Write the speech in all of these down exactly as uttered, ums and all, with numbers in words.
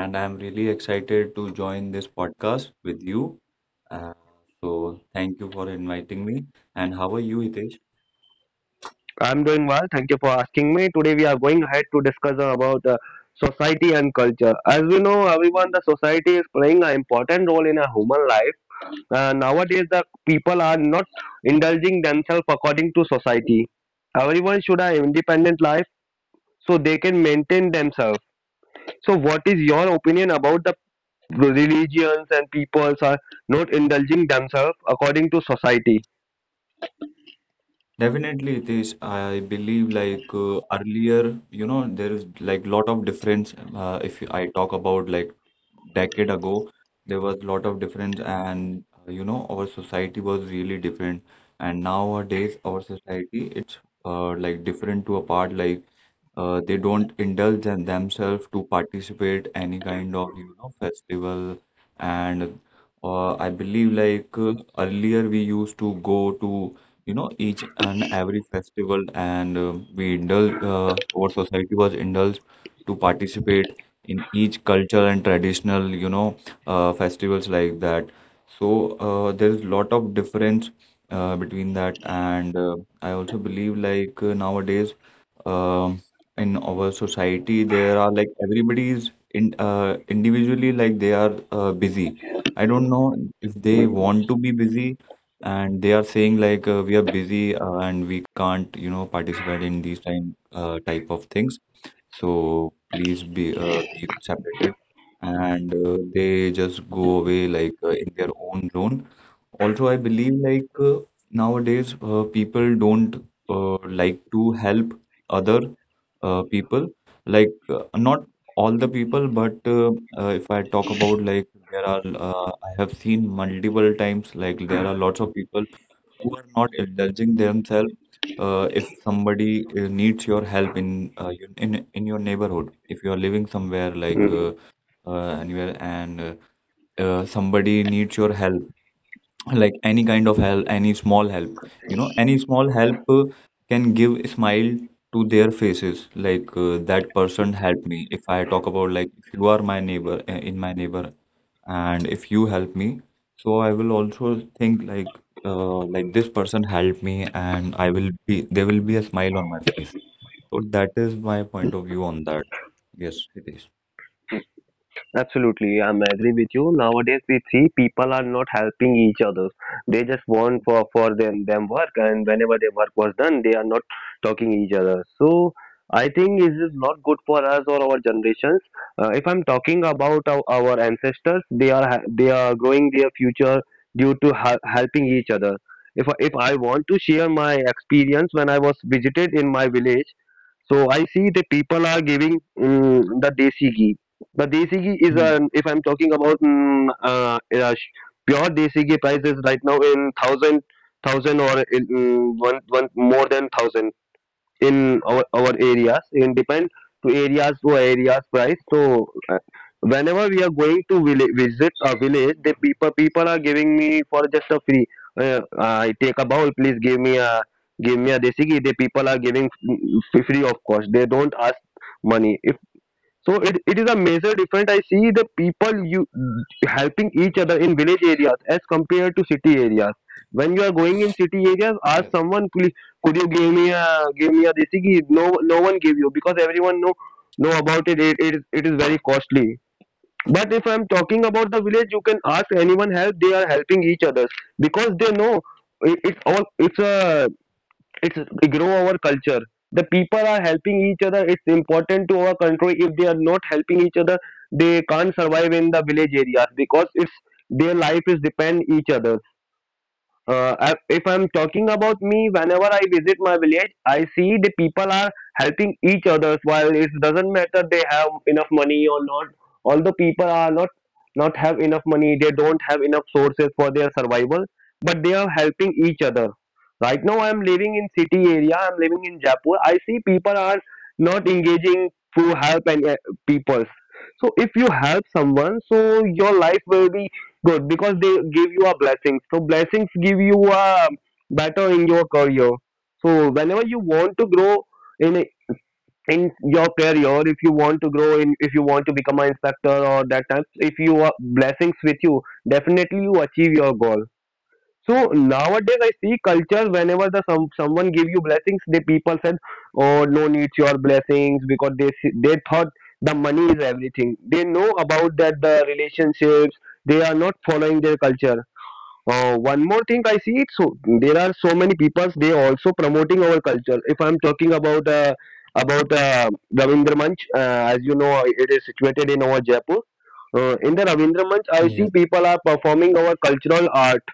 I'm really excited to join this podcast with you. Uh, so, Thank you for inviting me. And how are you, Hitesh? I'm doing well. Thank you for asking me. Today we are going ahead to discuss about uh, society and culture. As we know, everyone, the society is playing an important role in a human life. Uh, nowadays, the people are not indulging themselves according to society. Everyone should have independent life so they can maintain themselves. So, what is your opinion about the religions and peoples are not indulging themselves according to society? Definitely it is. I believe like uh, earlier, you know, there is like lot of difference. Uh, if I talk about like decade ago, there was lot of difference, and uh, you know, our society was really different. And nowadays, our society it's uh, like different to a part. Like uh, they don't indulge in themselves to participate any kind of you know festival, and uh, I believe like uh, earlier we used to go to you know each and every festival and uh, we indulge uh, our society was indulged to participate in each cultural and traditional you know uh, festivals like that. So uh, there is lot of difference uh, between that and uh, I also believe like uh, nowadays um in our society there are like everybody is in uh, individually like they are uh, busy. I don't know if they want to be busy and they are saying like uh, we are busy uh, and we can't you know participate in these time uh, type of things, so please be uh, be separated and uh, they just go away like uh, in their own zone. Also I believe like uh, nowadays uh, people don't uh, like to help other uh, people like uh, not all the people but uh, uh, if I talk about like there are uh, I have seen multiple times like there are lots of people who are not indulging themselves. Uh, if somebody uh, needs your help in uh, your- in in your neighborhood, if you are living somewhere like uh, uh, anywhere and uh, uh, somebody needs your help, like any kind of help, any small help, you know any small help uh, can give a smile to their faces, like uh, that person helped me. If I talk about like if you are my neighbor uh, in my neighbor and if you help me, so I will also think like uh, like this person helped me and I will be there will be a smile on my face. So that is my point of view on that. Yes, Hitesh. Absolutely, I'm agree with you. Nowadays, we see people are not helping each other. They just want for for them them work, and whenever their work was done, they are not talking each other. So I think this is not good for us or our generations. Uh, if I'm talking about our, our ancestors, they are ha- they are growing their future due to hel- helping each other. If I- if I want to share my experience when I was visited in my village, so I see the people are giving um, the desi ghee the desi ghee is, Hmm. uh, if I'm talking about mm, uh, uh, sh- pure desi ghee price is right now in thousand, thousand or in, mm, one, one more than thousand in our our areas. It depend to areas to areas price. So uh, whenever we are going to village, visit a village, the people people are giving me for just a free. Uh, I take a bowl, please give me a give me a desi ghee. The people are giving mm, free of cost. They don't ask money. So it, it is a major difference. I see the people you helping each other in village areas as compared to city areas. When you are going in city areas, ask Yes. someone please could you give me a give me a desi ki no, no one give you because everyone know know about it. It, it is it is very costly. But if I'm talking about the village, you can ask anyone help. They are helping each other because they know it, it all. It's a it's grow our culture. The people are helping each other. It's important to our country. If they are not helping each other, they can't survive in the village areas because it's their life is depend each other. Uh, I, if I'm talking about me, whenever I visit my village, I see the people are helping each others. While it doesn't matter they have enough money or not, although people are not not have enough money, they don't have enough sources for their survival, but they are helping each other. Right now, I'm living in city area. I'm living in Jaipur. I see people are not engaging to help and uh, peoples. So if you help someone, so your life will be good, because they give you a blessings. So blessings give you a better in your career. So whenever you want to grow in a- in your career, if you want to grow in, if you want to become an inspector or that type, if you are blessings with you, definitely you achieve your goal. So nowadays I see culture whenever the some someone give you blessings, the people said, "Oh, no needs your blessings," because they see- they thought the money is everything. They know about that the relationships. They are not following their culture. Uh, one more thing I see it, so there are so many people they also promoting our culture. If I'm talking about uh, about uh, Ravindra Manch, uh, as you know, it is situated in our Jaipur. Uh, in the Ravindra Manch, I see Yes, people are performing our cultural art,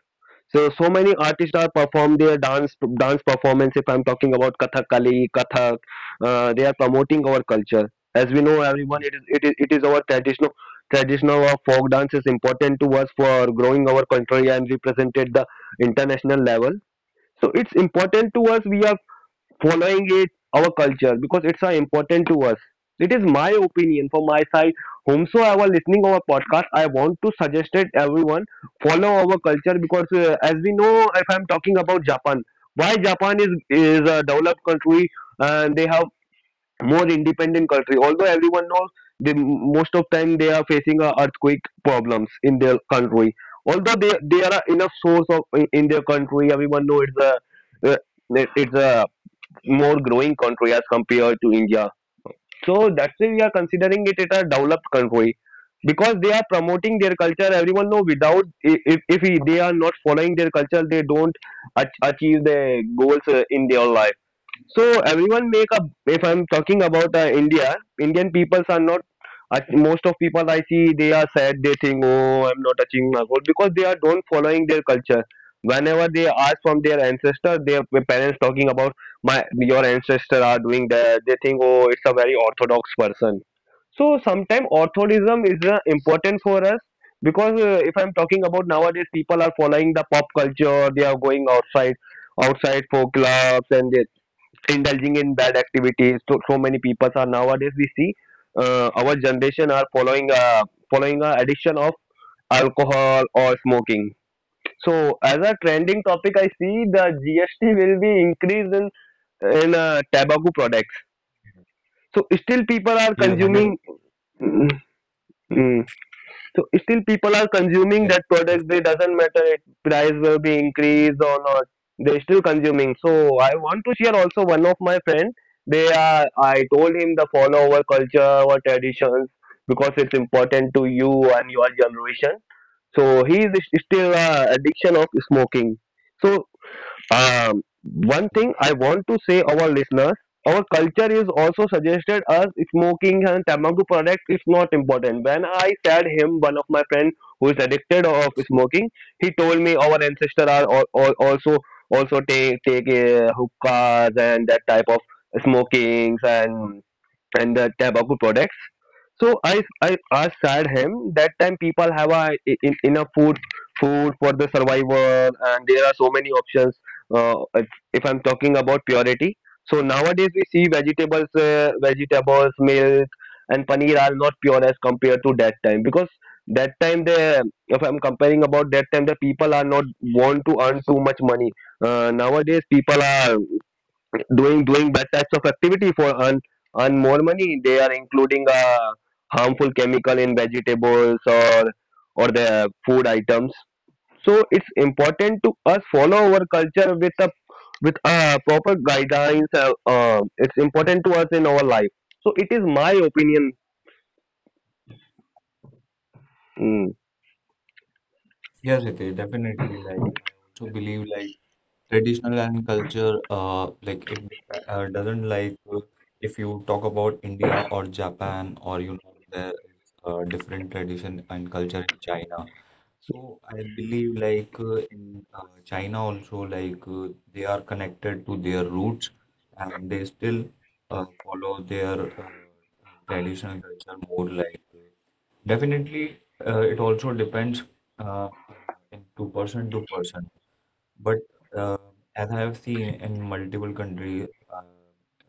so so many artists are perform their dance dance performance. If I'm talking about Kathakali, Kathak, uh, they are promoting our culture. As we know, everyone, it is it is it is our traditional traditional of folk dance is important to us for growing our country and represented the international level. So it's important to us. We are following it our culture because it's uh, important to us. It is my opinion from my side. Whomsoever listening our podcast, I want to suggest it everyone follow our culture because uh, as we know, if I'm talking about Japan, why japan is is a developed country and they have more independent country, although everyone knows they most of time they are facing uh, earthquake problems in their country, although they they are enough source of in, in their country. Everyone know it's a uh, it- it's a more growing country as compared to India. So that's why we are considering it it a developed country because they are promoting their culture. Everyone know without i- if if he- they are not following their culture, they don't ach- achieve their goals uh, in their life. So everyone make a. If I'm talking about uh, India, Indian peoples are not. I thi- most of people I see they are sad. They think, oh, I'm not touching my goal because they are don't following their culture. Whenever they ask from their ancestor, their parents talking about my your ancestor are doing that. They think, oh, it's a very orthodox person. So sometimes orthodism is uh, important for us because uh, if I'm talking about nowadays, people are following the pop culture. They are going outside outside for clubs and they indulging in bad activities. So, so many people are nowadays we see uh, our generation are following a following a addiction of alcohol or smoking. So as a trending topic, I see the G S T will be increased in in uh, tobacco products. So still people are yes, hundred, consuming. Mm, mm, so still people are consuming yes, that product. definitely. They doesn't matter it price will be increased or not. They're still consuming. So I want to share also one of my friend. They are I told him the follow our culture, our traditions because it's important to you and your generation. So he is still uh, addiction of smoking. So um, one Yeah. thing I want to say our listeners, our culture is also suggested us smoking and tobacco product is not important. When I said him, one of my friend who is addicted of smoking, he told me our ancestor are all, all, also also take take uh, hookahs and that type of smokings and and the tobacco products. So I I I said him that time people have a, in, enough food food for the survival, and there are so many options uh, if, if I'm talking about purity. So nowadays we see vegetables, uh, vegetables, milk, and paneer are not pure as compared to that time, because that time the if I'm comparing about that time the people are not want to earn too much money. Uh, nowadays people are doing doing bad types of activity for earn earn more money. They are including uh, harmful chemical in vegetables or or the food items, so it's important to us follow our culture with a with uh, proper guidelines. Uh, uh, it's important to us in our life. So it is my opinion. mm, Yes, it is definitely. Like I also believe, like traditional and culture, uh, like it dep- uh, doesn't like uh, if you talk about India or Japan or you know there is uh, different tradition and culture in China. So I believe, like uh, in uh, China also, like uh, they are connected to their roots and they still uh, follow their uh, traditional culture more like. uh, Definitely, uh, it also depends uh, into person to person. But uh, as I have seen in multiple countries, uh,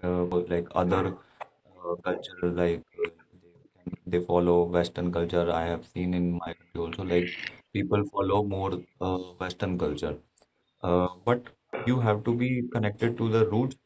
uh, like other uh, culture, like uh, they can, they follow Western culture. I have seen in my country also, like people follow more uh, Western culture. Uh, but you have to be connected to the roots.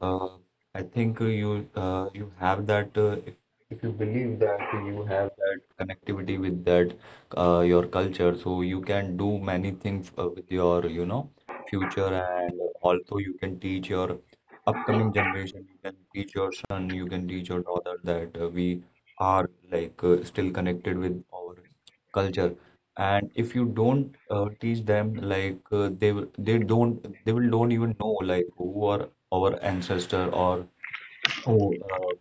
Uh, I think uh, you uh, you have that uh, if, if you believe that you have that connectivity with that uh, your culture, so you can do many things uh, with your you know future, and also you can teach your upcoming generation. You can teach your son, you can teach your daughter that uh, we are like uh, still connected with our culture. And if you don't uh, teach them, like uh, they will, they don't they will don't even know like who are our ancestor or oh, uh,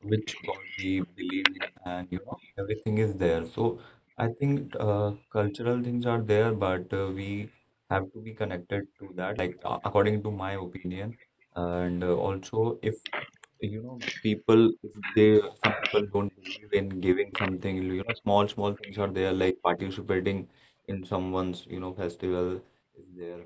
which God we believe in, and you know, everything is there. So I think uh, cultural things are there, but uh, we have to be connected to that, like a- according to my opinion. And uh, also, if you know people, if they some people don't believe in giving something, you know small small things are there like participating in someone's you know festival is there.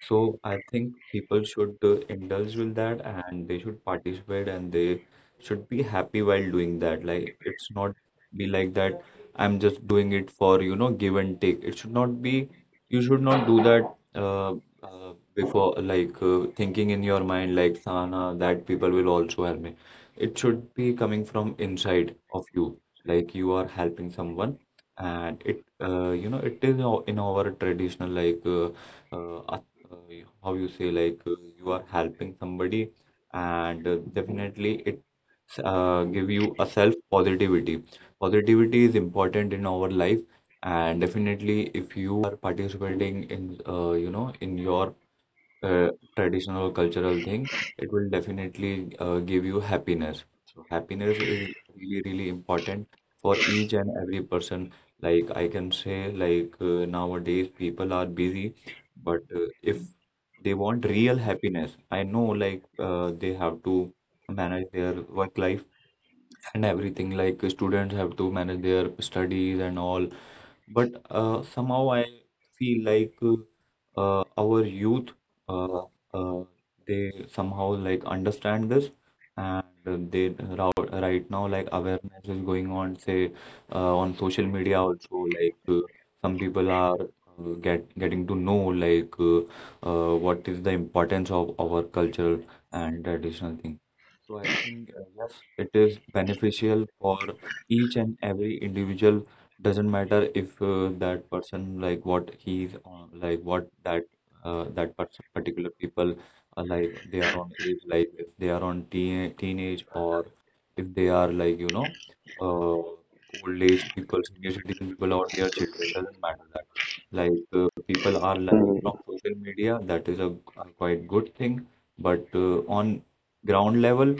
So I think people should uh, indulge with that and they should participate and they should be happy while doing that. Like it's not be like that, I'm just doing it for you know give and take. It should not be, you should not do that uh, uh, before like uh, thinking in your mind like sana that people will also help me. It should be coming from inside of you, like you are helping someone and it uh, you know it is o- in our traditional, like uh, uh, uh, how you say like uh, you are helping somebody and uh, definitely it uh, give you a self positivity. Positivity is important in our life, and definitely if you are participating in uh, you know in your uh, traditional or cultural thing, it will definitely uh, give you happiness. So happiness is really, really important for each and every person. Like I can say, like uh, nowadays people are busy, but uh, if they want real happiness, I know like uh, they have to manage their work life and everything. Like students have to manage their studies and all, but uh, somehow I feel like uh, uh, our youth uh, uh, they somehow like understand this, and uh, they rou- right now like awareness is going on, say uh, on social media also, like uh, some people are uh, get getting to know like uh, uh, what is the importance of our cultural and traditional thing. So I think uh, yes, it is beneficial for each and every individual, doesn't matter if uh, that person like what he's on, like what that uh, that person particular people are, like they are on age, like if they are on teen teenage or if they are like you know uh, old age people, senior citizen people or their children. Doesn't matter that, like uh, people are learning from mm, social media, that is a, a quite good thing. But uh, on ground level,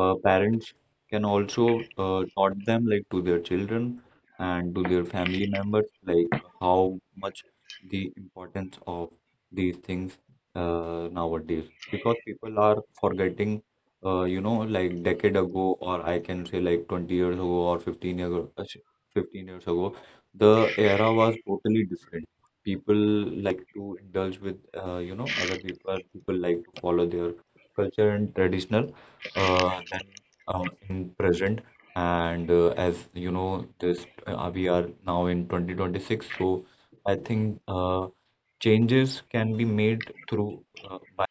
uh, parents can also uh, taught them like to their children and to their family members, like how much the importance of these things uh, nowadays. Because people are forgetting, uh, you know, like decade ago, or I can say like twenty years ago or fifteen years ago, uh, sh- fifteen years ago, the era was totally different. People like to indulge with, uh, you know, other people. People like to follow their culture and traditional uh, than uh, in present. And uh, as you know this uh, we are now in twenty twenty-six, so I think uh, changes can be made through uh, by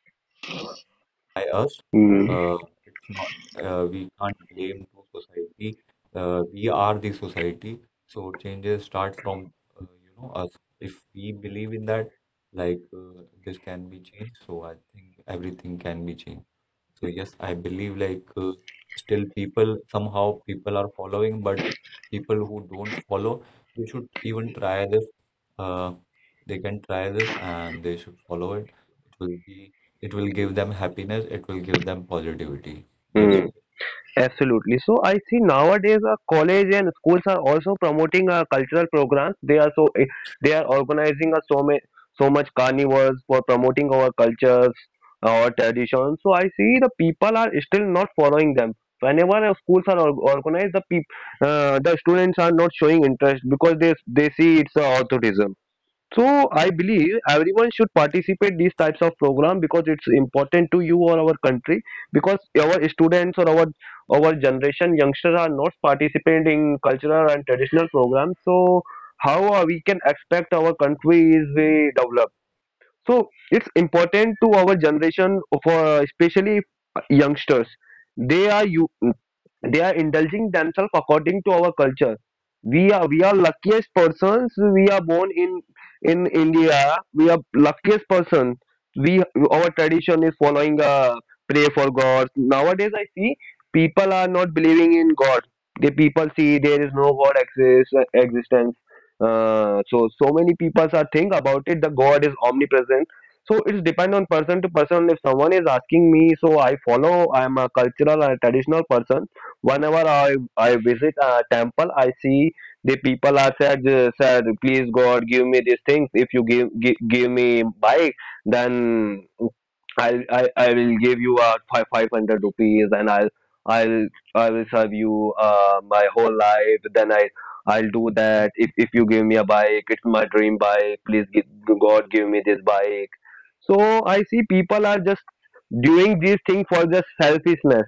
us. mm, uh, it's not uh, we can't blame to society, uh, we are the society. So changes start from uh, you know us. If we believe in that, like uh, this can be changed, so I think everything can be changed. So yes, I believe like uh, still people somehow people are following, but people who don't follow, they should even try this. Uh, they can try this and they should follow it. It will be, it will give them happiness. It will give them positivity. Yes. mm. Absolutely. So I see nowadays our college and schools are also promoting uh, cultural programs. They are so eh, they are organizing uh, so many so much carnivals for promoting our cultures, uh, our traditions. So I see the people are still not following them. Whenever our schools are or- organized, the peop- uh, the students are not showing interest because they they see it's uh, authoritism. So I believe everyone should participate these types of program, because it's important to you or our country, because our students or our our generation youngsters are not participating in cultural and traditional programs. So how are we can expect our country is we develop? So it's important to our generation for especially youngsters. They are you they are indulging themselves according to our culture. We are we are luckiest persons. We are born in in India. We are luckiest person. We Our tradition is following uh, pray for God. Nowadays I see people are not believing in God. The people see there is no God exists existence. Uh, so so many people are think about it. The God is omnipresent. So it's depend on person to person. If someone is asking me, so i follow i am a cultural and traditional person. Whenever i i visit a temple, I see the people are said uh, said, please God give me these things. If you give give, give me bike, then I'll, I, I will give you a five five hundred rupees and I'll I'll I will serve you uh, my whole life. Then I I'll do that if if you give me a bike. It's my dream bike. Please give, God give me this bike. So I see people are just doing these things for just selfishness.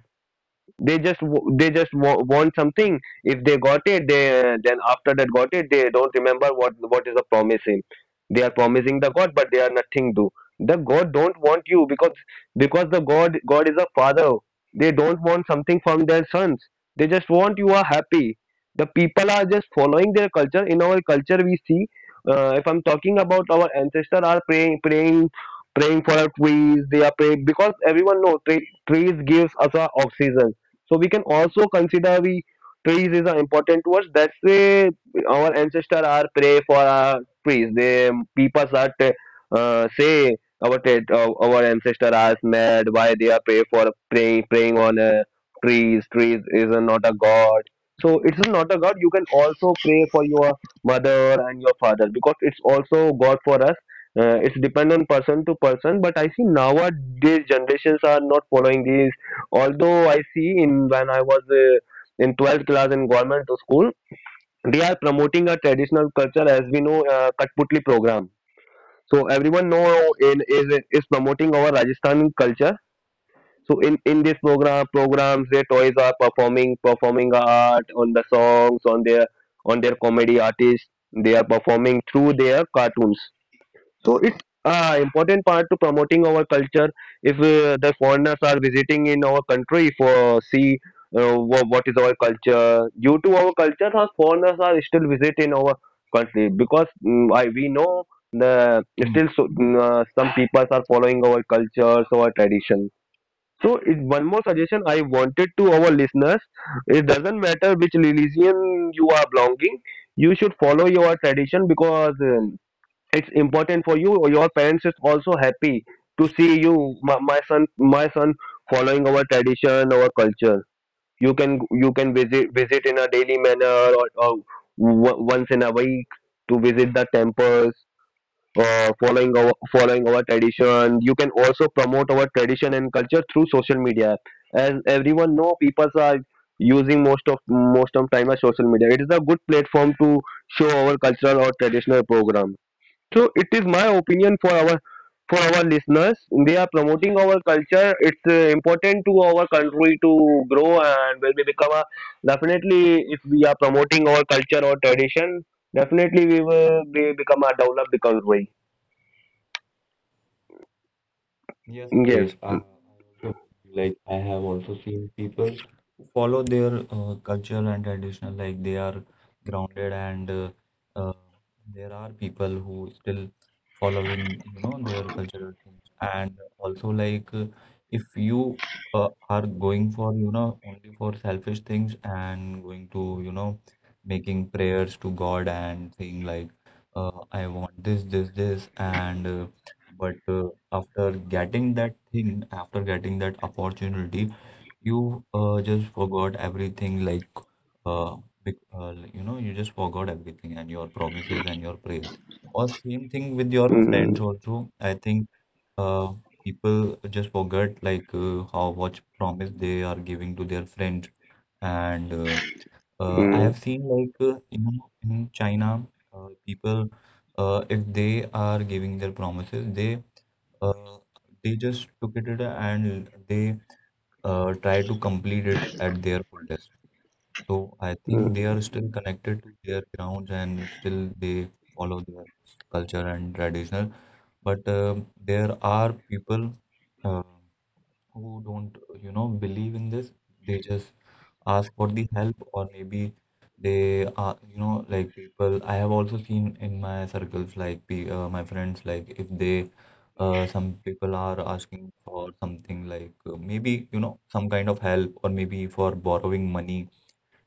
They just w- they just w- want something. If they got it, they then after that got it, they don't remember what what is the promising they are promising the god. But they are nothing do. The god don't want you because because the god god is a father. They don't want something from their sons. They just want you are happy. The people are just following their culture. In our culture we see, uh, if I'm talking about our ancestor are praying praying praying for our trees. They are praying because everyone knows tre- trees gives us a oxygen. So we can also consider the trees is uh, important to us. That's why our ancestor are pray for our trees. They people are t- uh, say our t- uh, our ancestor are mad why they are pray for praying praying on uh, trees. Trees is uh, not a god. So it's not a god. You can also pray for your mother and your father because it's also God for us. Uh, it's depend on person to person. But I see nowadays generations are not following these. Although I see in when I was uh, in twelfth class in government school, they are promoting a traditional culture as we know, uh, Katputli program. So everyone know in is is promoting our Rajasthani culture. So in in this program programs, their toys are performing performing art on the songs on their on their comedy artists. They are performing through their cartoons. So it's uh, important part to promoting our culture. If uh, the foreigners are visiting in our country for see, uh, wha- what is our culture, due to our culture, our foreigners are still visiting our country because mm, I we know the still so, mm, uh, some people are following our cultures, our tradition. So it, one more suggestion I wanted to our listeners: it doesn't matter which religion you are belonging, you should follow your tradition because. Uh, it's important for you or your parents is also happy to see you, my, my son my son following our tradition our culture. You can you can visit visit in a daily manner, or, or w- once in a week to visit the temples, uh, following our following our tradition. You can also promote our tradition and culture through social media, as everyone know people are using most of most of time as social media. It is a good platform to show our cultural or traditional program. So it is my opinion for our for our listeners. They are promoting our culture. It's uh, important to our country to grow and will be become a definitely. If we are promoting our culture or tradition, definitely we will be become a developed country. Yes, it Yes. is. I, I also feel like I have also seen people who follow their uh, culture and traditional, like they are grounded, and uh, uh, there are people who still following, you know, their cultural things. And also, like uh, if you uh, are going for, you know, only for selfish things and going to, you know, making prayers to God and saying like, uh, I want this, this, this, and uh, but uh, after getting that thing, after getting that opportunity, you uh, just forgot everything. Like, uh, bec- uh, like, you know, you just forgot everything and your promises and your prayers. Or same thing with your friends Mm, also. I think uh, people just forget like uh, how much promise they are giving to their friends. And uh, uh, I mm, have seen like uh, in in China, uh, people uh, if they are giving their promises, they uh, they just took it at and they uh, tried to complete it at their fullest. So I think they are mm, still connected to their grounds and still they follow their culture and traditional. But uh, there are people uh, who don't, you know, believe in this. They just ask for the help, or maybe they are you know like people. I have also seen in my circles like pe- uh, my friends, like if they uh, some people are asking for something, like uh, maybe you know some kind of help or maybe for borrowing money,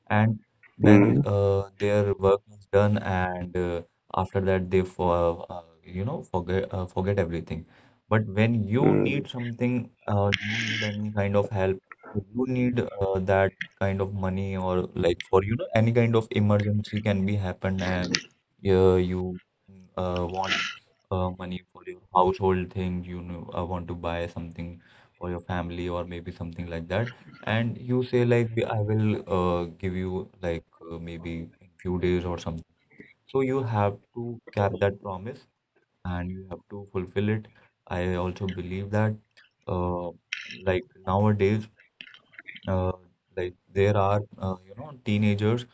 and when mm, uh, their work is done and uh, after that they for uh, you know forget uh, forget everything. But when you need something, uh, you need any kind of help or you need uh, that kind of money, or like for you know any kind of emergency can be happen and uh, you uh, want uh, money for your household thing, you know, uh, want to buy something for your family or maybe something like that and you say like "We- I will uh, give you like uh, maybe in few days or something." So you have to cap that promise and you have to fulfill it. I also believe that uh, like nowadays uh, like there are uh, you know teenagers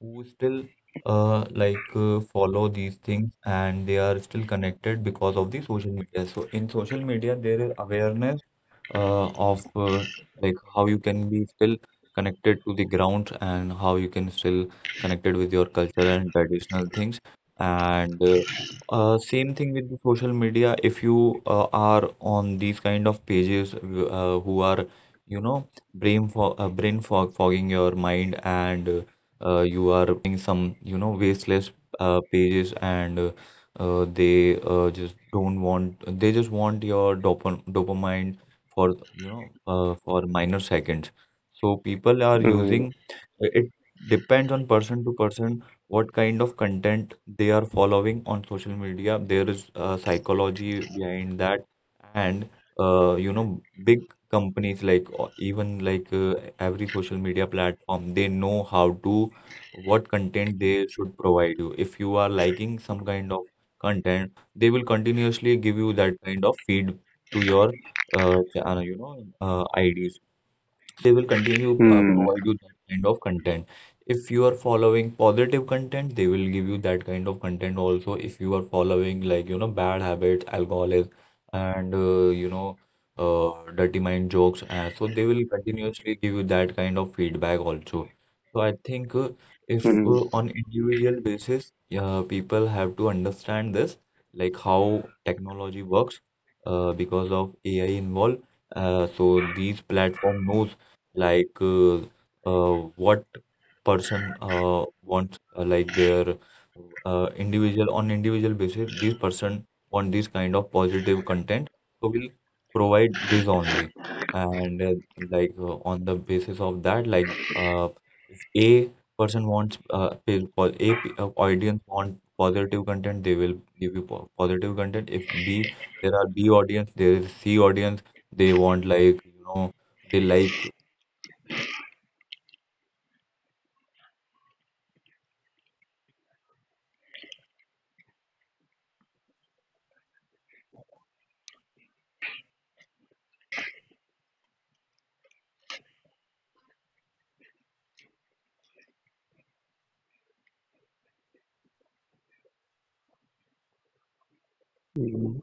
who still uh, like uh, follow these things and they are still connected because of the social media. So in social media there is awareness uh, of uh, like how you can be still connected to the ground and how you can still connected with your culture and traditional things. And uh, uh, same thing with the social media, if you uh, are on these kind of pages w- uh, who are you know brain fog, uh, brain fog fogging your mind, and uh, uh, you are some you know wasteless uh, pages, and uh, uh, they uh, just don't want, they just want your dopam dopamine for you know uh, for minor seconds. So people are mm, mm, using uh, it depends on person to person what kind of content they are following on social media. There is uh, psychology behind that, and uh, you know big companies like or even like uh, every social media platform, they know how to what content they should provide you. If you are liking some kind of content, they will continuously give you that kind of feed to your uh, ch- uh, you know uh, I Ds. Will continue uh, mm, provide you that kind of content. If you are following positive content, they will give you that kind of content also. If you are following like you know bad habits, alcoholism, and uh, you know uh, dirty mind jokes, uh, so they will continuously give you that kind of feedback also. So I think uh, if uh, mm, on individual basis, uh, people have to understand this, like how technology works uh, because of A I involved. Uh, so these platform knows like uh, uh, what person uh, wants uh, like their uh, individual on individual basis, this person want this kind of positive content, so we'll provide this only. And uh, like uh, on the basis of that, like uh, if a person wants uh, pa- po- a p- uh, audience want positive content, they will give you po- positive content. If b there are b audience, there is c audience, they want like you know they like mm,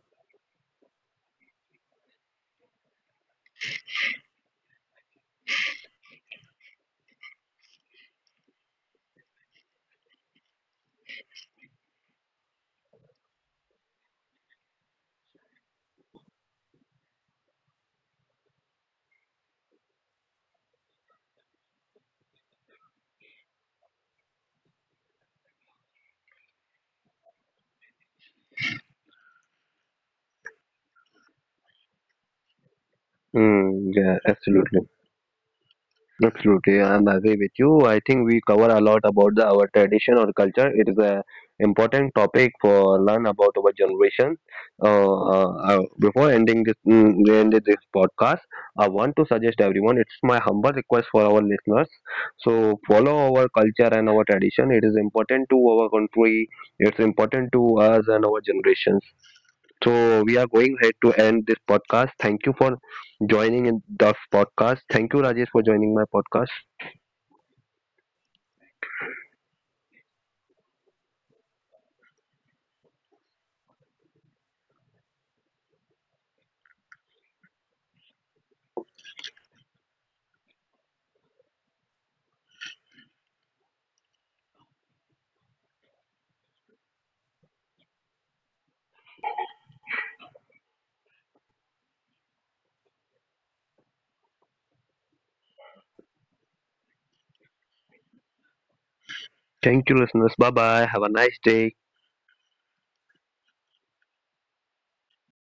mm, yeah, absolutely. Absolutely, I'm agree with you. I think we cover a lot about the, our tradition or culture. It is a important topic for learn about our generation. Uh, uh, uh, before ending this, mm, we ended this podcast, I want to suggest everyone. It's my humble request for our listeners. So follow our culture and our tradition. It is important to our country. It's important to us and our generations. So we are going ahead to end this podcast. Thank you for joining in the podcast. Thank you, Rajesh, for joining my podcast. Thank you, listeners. Bye bye. Have a nice day.